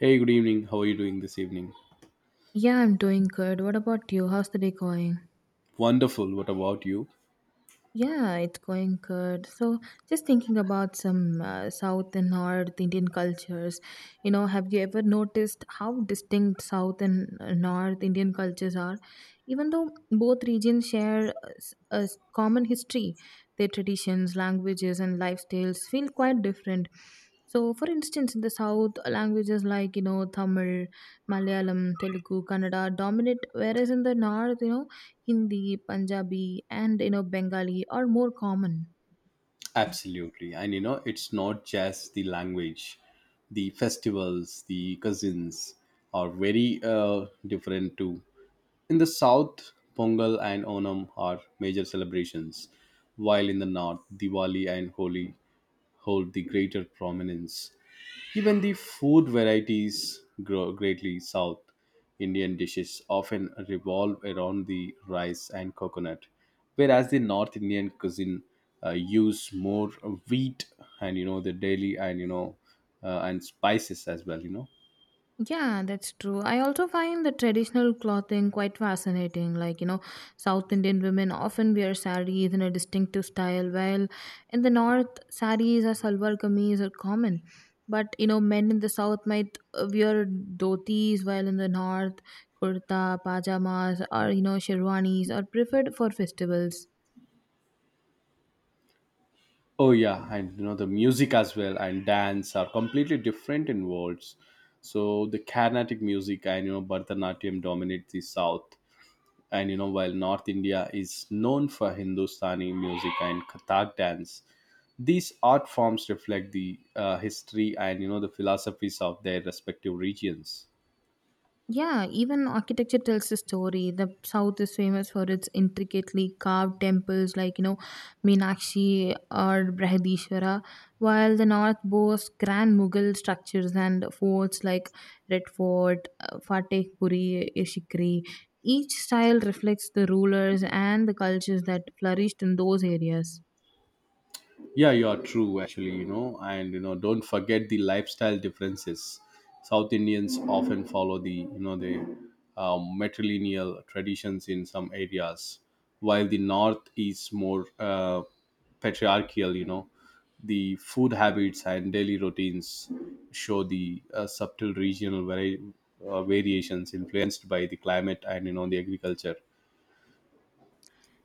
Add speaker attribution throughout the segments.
Speaker 1: Hey, good evening. How are you doing this evening?
Speaker 2: Yeah, I'm doing good. What about you? How's the day going?
Speaker 1: Wonderful. What about you?
Speaker 2: Yeah, it's going good. So, just thinking about some South and North Indian cultures, you know, have you ever noticed how distinct South and North Indian cultures are? Even though both regions share a common history, their traditions, languages, and lifestyles feel quite different. So, for instance, in the South, languages like, you know, Tamil, Malayalam, Telugu, Kannada dominate, whereas in the North, you know, Hindi, Punjabi, and you know Bengali are more common.
Speaker 1: Absolutely. And you know, it's not just the language, the festivals, the cousins are very different too. In the south, Pongal and Onam are major celebrations, while in the north, Diwali and Holi hold the greater prominence. Even the food varieties grow greatly. South Indian dishes often revolve around the rice and coconut, whereas the North Indian cuisine use more wheat and you know the daily and and spices as well. You know.
Speaker 2: Yeah, that's true. I also find the traditional clothing quite fascinating. Like, you know, South Indian women often wear sarees in a distinctive style, while in the north, sarees or salwar kameez are common. But, you know, men in the south might wear dhotis, while in the north, kurta, pajamas, or, you know, sherwanis are preferred for festivals.
Speaker 1: Oh yeah, and you know the music as well and dance are completely different in worlds. So the Carnatic music and you know Bharatanatyam dominate the South. And you know, while North India is known for Hindustani music and Kathak dance, these art forms reflect the history and you know the philosophies of their respective regions.
Speaker 2: Yeah, even architecture tells a story. The South is famous for its intricately carved temples like, you know, Meenakshi or Brihadishwara, while the North boasts grand Mughal structures and forts like Red Fort, Fateh Puri, Ishikri. Each style reflects the rulers and the cultures that flourished in those areas.
Speaker 1: Yeah, you are true, actually, you know, and you know, don't forget the lifestyle differences. South Indians often follow the, you know, the matrilineal traditions in some areas, while the North is more patriarchal, you know. The food habits and daily routines show the subtle regional variations influenced by the climate and, you know, the agriculture.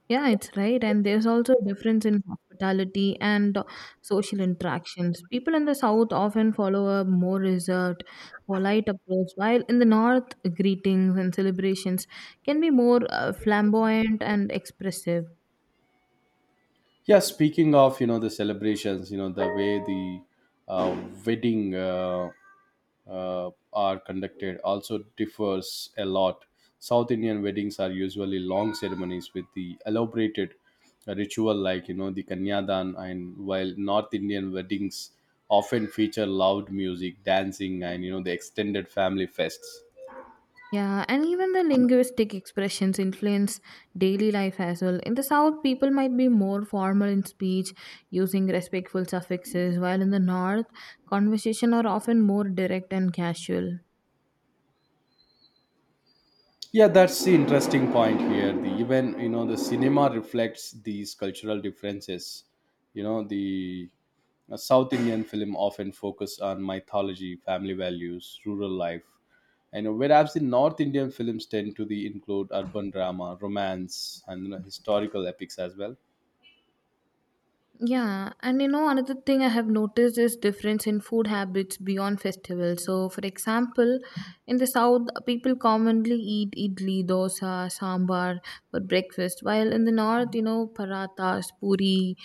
Speaker 2: Yeah, it's right. And there's also a difference in hospitality and social interactions. People in the South often follow a more reserved, polite approach, while in the North, greetings and celebrations can be more flamboyant and expressive.
Speaker 1: Yeah, speaking of you know the celebrations, you know the way the uh, wedding are conducted also differs a lot. South Indian weddings are usually long ceremonies with the elaborated ritual, like you know the kanyadan, and while North Indian weddings often feature loud music, dancing, and you know the extended family fests.
Speaker 2: Yeah, and even the linguistic expressions influence daily life as well. In the South, people might be more formal in speech, using respectful suffixes, while in the North, conversation are often more direct and casual.
Speaker 1: Yeah, that's the interesting point here, the even you know the cinema reflects these cultural differences. You know the a south Indian film often focus on mythology, family values, rural life, and whereas the north Indian films tend to the include urban drama, romance, and you know, historical epics as well.
Speaker 2: Yeah, and you know another thing I have noticed is difference in food habits beyond festivals. So, for example, in the south, people commonly eat idli, dosa, sambar for breakfast, while in the north, you know, parathas, puri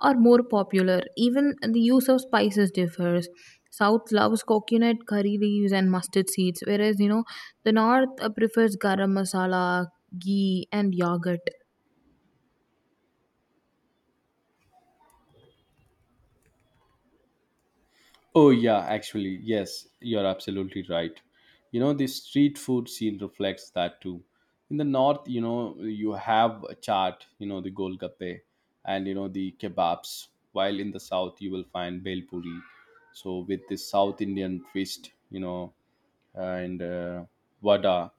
Speaker 2: are more popular. Even the use of spices differs. South loves coconut curry leaves and mustard seeds, whereas you know the north prefers garam masala, ghee, and yogurt.
Speaker 1: Oh, yeah, actually, yes, you're absolutely right. You know, the street food scene reflects that too. In the north, you know, you have a chaat, you know, the golgappe and, you know, the kebabs, while in the south, you will find bel puri. So, with the South Indian twist, you know, and vada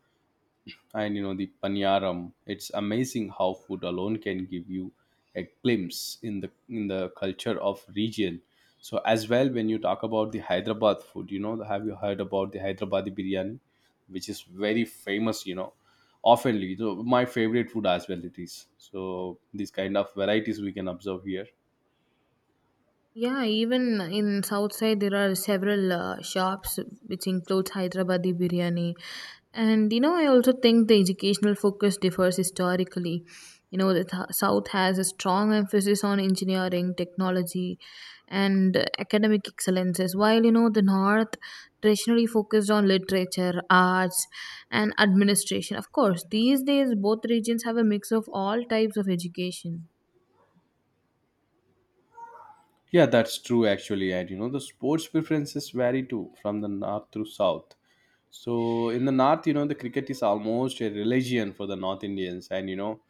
Speaker 1: and you know the paniyaram. It's amazing how food alone can give you a glimpse in the culture of region. So as well, when you talk about the Hyderabad food, you know, have you heard about the Hyderabadi biryani, which is very famous, you know, oftenly? So my favorite food as well it is, so these kind of varieties we can observe here.
Speaker 2: Yeah, even in south side there are several shops which includes Hyderabadi biryani. And you know, I also think the educational focus differs historically. You know, the south has a strong emphasis on engineering, technology, and academic excellences, while you know the north traditionally focused on literature, arts, and administration. Of course, these days both regions have a mix of all types of education.
Speaker 1: Yeah, that's true actually. And you know, the sports preferences vary too, from the north to south. So in the north, you know, the cricket is almost a religion for the North Indians, and you know,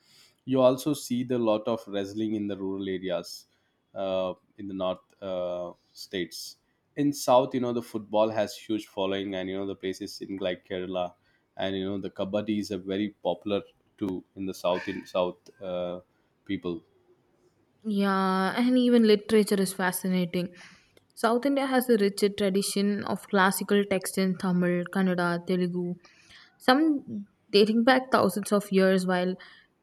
Speaker 1: you also see the lot of wrestling in the rural areas, in the north states. In south, you know, the football has huge following, and you know, the places in like Kerala, and you know, the kabaddi is a very popular too in the south, in south people.
Speaker 2: Yeah, and even literature is fascinating. South India has a rich tradition of classical texts in Tamil, Kannada, Telugu, some dating back thousands of years, while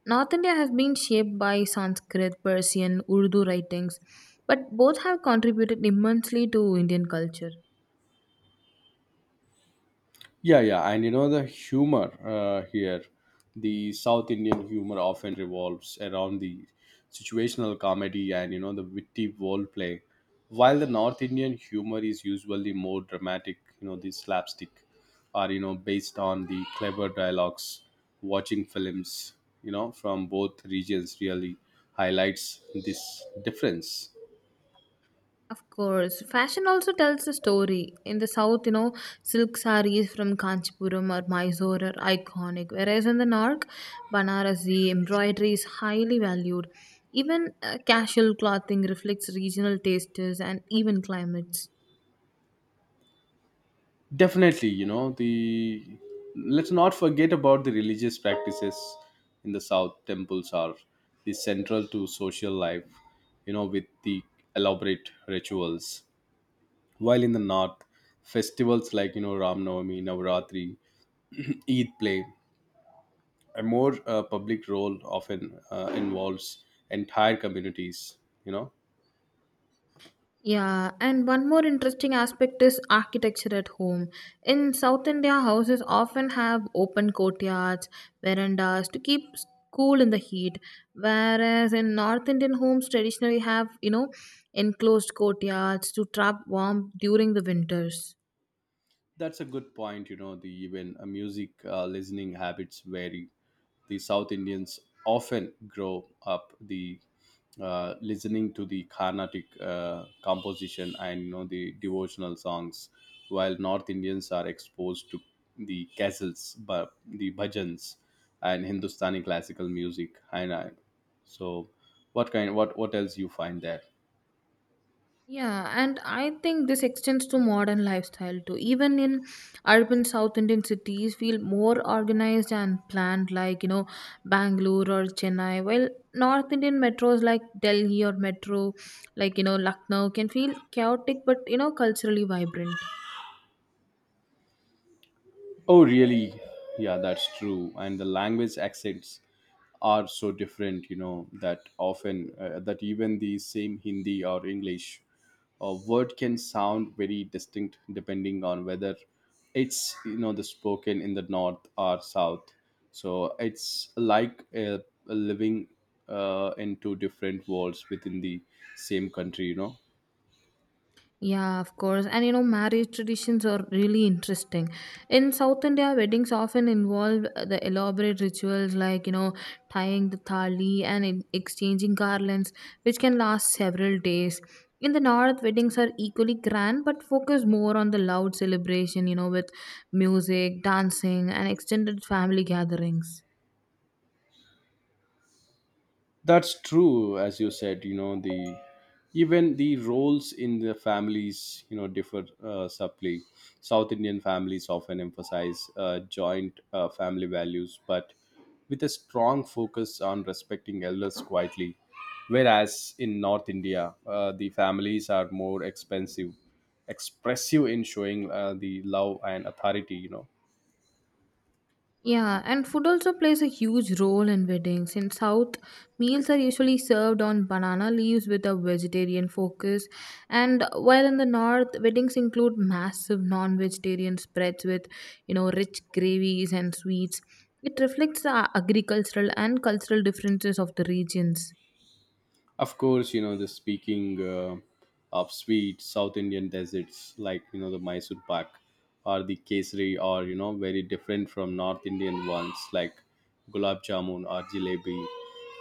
Speaker 2: North India has been shaped by Sanskrit, Persian, Urdu writings, but both have contributed immensely to Indian culture.
Speaker 1: Yeah, yeah, and you know the humor here, the South Indian humor often revolves around the situational comedy and you know the witty role play, while the North Indian humor is usually more dramatic. You know, the slapstick, are you know based on the clever dialogues. Watching films, you know, from both regions really highlights this difference.
Speaker 2: Of course, fashion also tells a story. In the south, you know, silk sarees from Kanchipuram or Mysore are iconic, whereas in the north, Banarasi embroidery is highly valued. Even casual clothing reflects regional tastes and even climates.
Speaker 1: Definitely, you know the, let's not forget about the religious practices. In the south, temples are the central to social life, you know, with the elaborate rituals, while in the north, festivals like you know Ram Navami, Navaratri, Eid play a more public role, often involves entire communities, you know.
Speaker 2: Yeah, and one more interesting aspect is architecture at home. In South India, houses often have open courtyards, verandas to keep cool in the heat, whereas in North Indian homes traditionally have, you know, enclosed courtyards to trap warmth during the winters.
Speaker 1: That's a good point. You know, the even music listening habits vary. The South Indians often grow up the listening to the Carnatic composition and you know the devotional songs, while North Indians are exposed to the ghazals, but the bhajans, and Hindustani classical music. And I, so, what kind? What else you find there?
Speaker 2: Yeah, and I think this extends to modern lifestyle too. Even in urban South Indian cities, feel more organized and planned, like you know, Bangalore or Chennai. While North Indian metros like Delhi or Metro, like you know, Lucknow, can feel chaotic but you know, culturally vibrant.
Speaker 1: Oh, really? Yeah, that's true. And the language accents are so different, you know, that often that even the same Hindi or English a word can sound very distinct depending on whether it's you know the spoken in the north or south. So it's like a living in two different worlds within the same country, you know.
Speaker 2: Yeah, of course. And you know, marriage traditions are really interesting. In South India, weddings often involve the elaborate rituals like, you know, tying the thali and exchanging garlands, which can last several days. In the north, weddings are equally grand but focus more on the loud celebration, you know, with music, dancing, and extended family gatherings.
Speaker 1: That's true, as you said. You know the even the roles in the families, you know, differ subtly. South Indian families often emphasize joint family values, but with a strong focus on respecting elders quietly. Whereas in North India, the families are more expensive, expressive in showing the love and authority. You know,
Speaker 2: Yeah, and food also plays a huge role in weddings. In South, meals are usually served on banana leaves with a vegetarian focus, and while in the North, weddings include massive non-vegetarian spreads with, you know, rich gravies and sweets. It reflects the agricultural and cultural differences of the regions.
Speaker 1: of course, you know, the speaking of sweet South Indian deserts like, you know, the Mysore pak or the kesari, or, you know, very different from North Indian ones like gulab jamun or jalebi.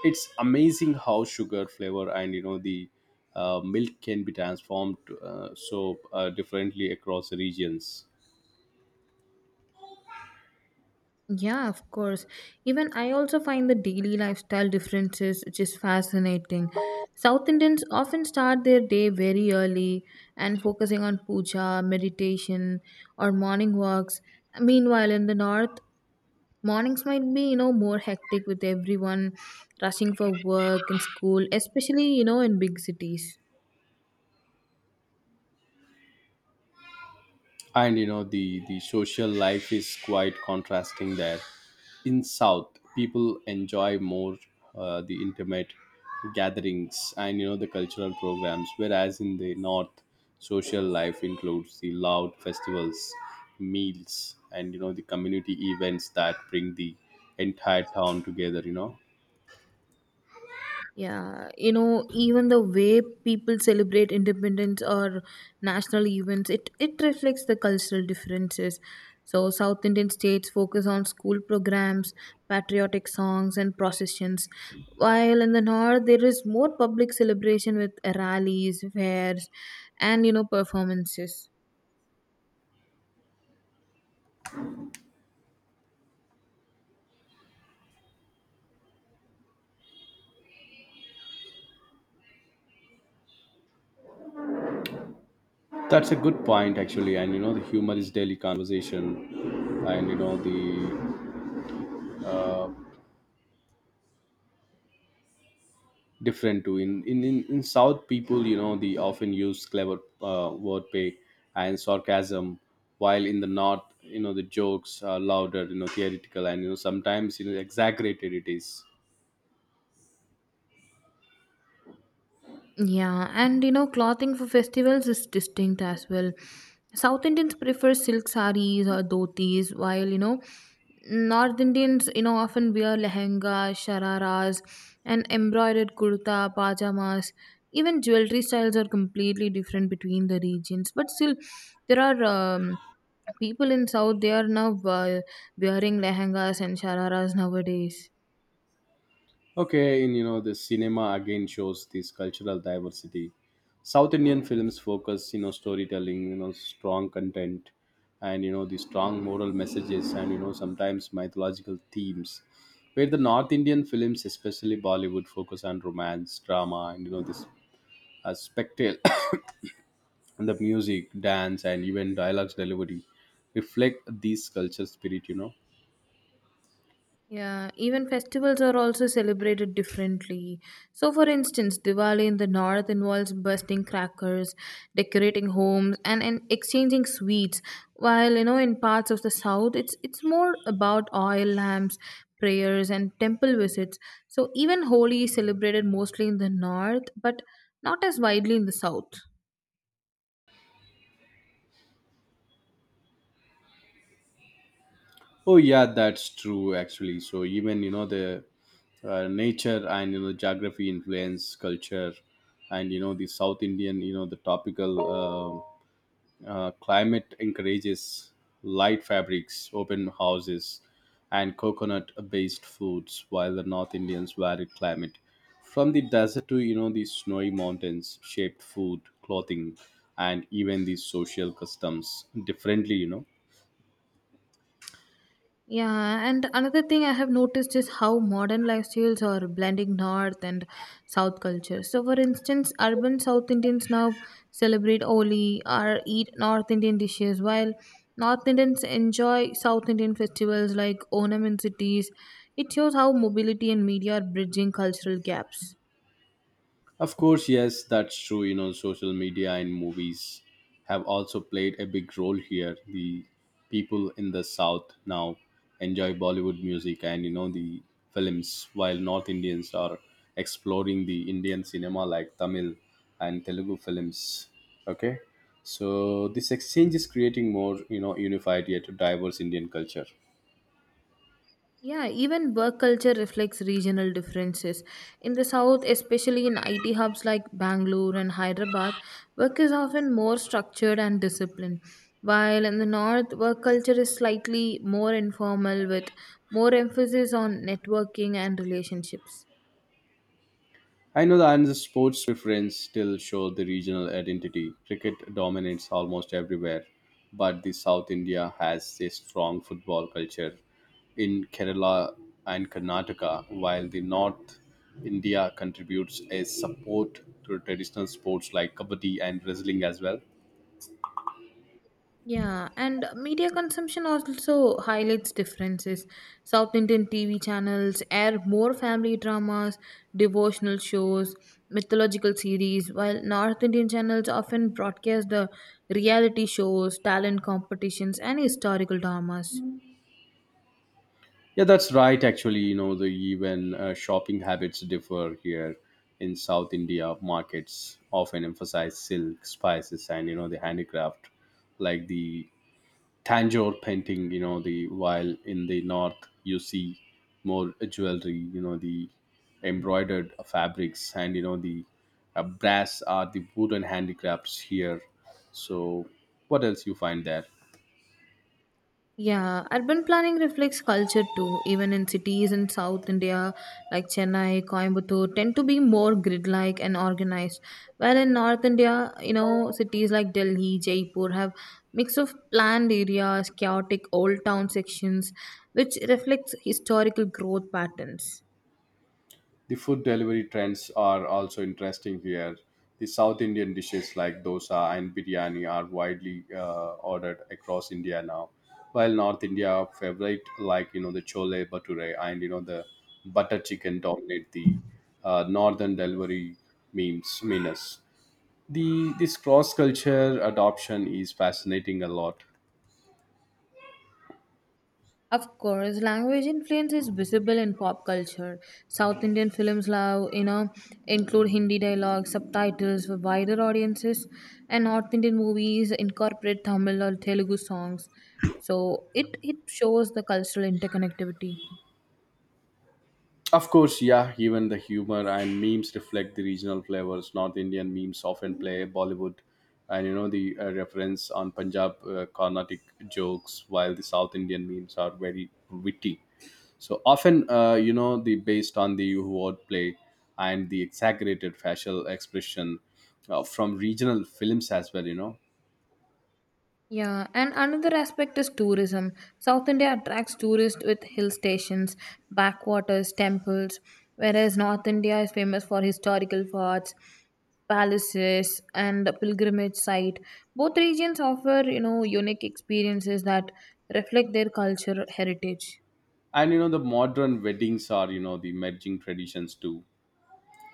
Speaker 1: It's amazing how sugar flavor and, you know, the milk can be transformed so differently across the regions.
Speaker 2: Yeah, of course. Even I also find the daily lifestyle differences which is fascinating. South Indians often start their day very early and focusing on puja, meditation, or morning walks. Meanwhile, in the north, mornings might be, you know, more hectic with everyone rushing for work and school, especially, you know, in big cities.
Speaker 1: And you know the social life is quite contrasting there. In south, people enjoy more the intimate gatherings and you know the cultural programs, whereas in the north, social life includes the loud festivals, meals, and you know the community events that bring the entire town together, you know.
Speaker 2: Yeah, you know, even the way people celebrate independence or national events, it reflects the cultural differences. So, South Indian states focus on school programs, patriotic songs, and processions, while in the north, there is more public celebration with rallies, fairs, and you know, performances.
Speaker 1: That's a good point actually. And you know the humor is daily conversation, and you know the different too in south. People, you know, they often use clever wordplay and sarcasm, while in the north, you know, the jokes are louder, you know, theoretical, and you know, sometimes, you know, exaggerated it is.
Speaker 2: Yeah, and you know, clothing for festivals is distinct as well. South Indians prefer silk sarees or dhotis, while you know, North Indians, you know, often wear lehenga, shararas, and embroidered kurta, pajamas. Even jewelry styles are completely different between the regions, but still, there are people in South. They are now wearing lehengas and shararas nowadays.
Speaker 1: Okay, and you know, the cinema again shows this cultural diversity. South Indian films focus, you know, storytelling, you know, strong content, and you know, the strong moral messages, and you know, sometimes mythological themes. Where the North Indian films, especially Bollywood, focus on romance, drama, and you know, this spectacle, and the music, dance, and even dialogues delivery reflect these culture spirit. You know,
Speaker 2: Yeah, even festivals are also celebrated differently. So, for instance, Diwali in the north involves bursting crackers, decorating homes, and exchanging sweets. While you know, in parts of the south, it's more about oil lamps, prayers, and temple visits. So, even Holi is celebrated mostly in the north, but not as widely in the south.
Speaker 1: oh yeah, that's true actually. So even you know the nature and you know geography influence culture, and you know the South Indian, you know, the tropical climate encourages light fabrics, open houses, and coconut-based foods, while the North Indians varied climate, from the desert to you know the snowy mountains, shaped food, clothing, and even the social customs differently. You know,
Speaker 2: Yeah, and another thing I have noticed is how modern lifestyles are blending North and South cultures. So, for instance, urban South Indians now celebrate Holi or eat North Indian dishes, while North Indians enjoy South Indian festivals like Onam in cities. It shows how mobility and media are bridging cultural gaps.
Speaker 1: of course, yes, that's true. You know, social media and movies have also played a big role here. The people in the South now enjoy Bollywood music and, you know, the films, while North Indians are exploring the Indian cinema like Tamil and Telugu films. Okay. So this exchange is creating more, you know, unified yet diverse Indian culture.
Speaker 2: Yeah, even work culture reflects regional differences. In the south, especially in IT hubs like Bangalore and Hyderabad, work is often more structured and disciplined. While in the north, work culture is slightly more informal with more emphasis on networking and relationships.
Speaker 1: I know the Ireland's sports preference still show the regional identity. Cricket dominates almost everywhere, but the South India has a strong football culture in Kerala and Karnataka, while the North India contributes a support to traditional sports like kabaddi and wrestling as well.
Speaker 2: Yeah, and media consumption also highlights differences. South Indian TV channels air more family dramas, devotional shows, mythological series, while North Indian channels often broadcast the reality shows, talent competitions, and historical dramas.
Speaker 1: Yeah, that's right. Actually, you know, the even shopping habits differ here in South India. Markets often emphasize silk, spices, and you know the handicraft, like the Tanjore painting. You know, the while in the north you see more jewelry. You know, the embroidered fabrics and you know the brass are the wooden handicrafts here. So, what else you find there?
Speaker 2: Yeah, urban planning reflects culture too. Even in cities in South India like Chennai, Coimbatore tend to be more grid-like and organized. While in North India, you know, cities like Delhi, Jaipur have mix of planned areas, chaotic old town sections, which reflects historical growth patterns.
Speaker 1: The food delivery trends are also interesting here. The South Indian dishes like dosa and biryani are widely ordered across India now, while North India favorite like you know the chole bhature and you know the butter chicken dominate the northern delivery memes menus. The this cross culture adoption is fascinating a lot.
Speaker 2: Of course, language influence is visible in pop culture. South Indian films now, you know, include Hindi dialogue, subtitles for wider audiences, and North Indian movies incorporate Tamil or Telugu songs. So it shows the cultural interconnectivity.
Speaker 1: Of course, yeah, even the humor and memes reflect the regional flavors. North Indian memes often play Bollywood and you know the reference on Punjab Carnatic jokes, while the South Indian memes are very witty. So often, you know, the based on the wordplay and the exaggerated facial expression from regional films as well, you know.
Speaker 2: Yeah, and another aspect is tourism. South India attracts tourists with hill stations, backwaters, temples, whereas North India is famous for historical forts, palaces, and a pilgrimage site. Both regions offer, you know, unique experiences that reflect their cultural heritage.
Speaker 1: And you know, the modern weddings are, you know, the merging traditions too.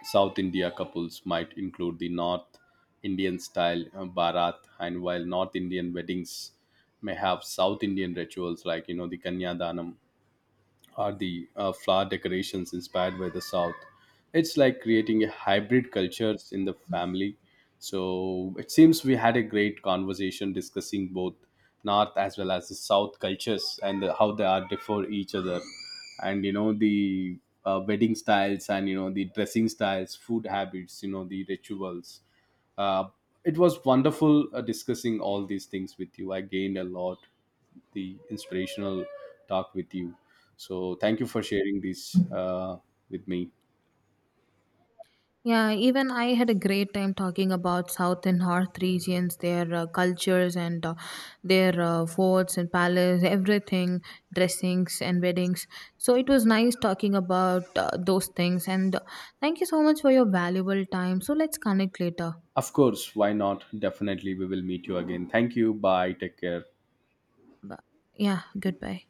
Speaker 1: South India couples might include the North Indian style Bharat, and while North Indian weddings may have South Indian rituals like you know the Kanyadanam or the flower decorations inspired by the south. It's like creating a hybrid cultures in the family. So it seems we had a great conversation discussing both north as well as the south cultures, and the, how they are differ each other, and you know the wedding styles and you know the dressing styles, food habits, you know, the rituals, uh, it was wonderful discussing all these things with you. I gained a lot, the inspirational talk with you. So thank you for sharing this with me.
Speaker 2: Yeah, even I had a great time talking about South and North regions, their cultures and their forts and palace, everything, dressings and weddings. So it was nice talking about those things. And thank you so much for your valuable time. So let's connect later.
Speaker 1: Of course, why not? Definitely, we will meet you again. Thank you. Bye. Take care.
Speaker 2: Bu- Yeah, goodbye.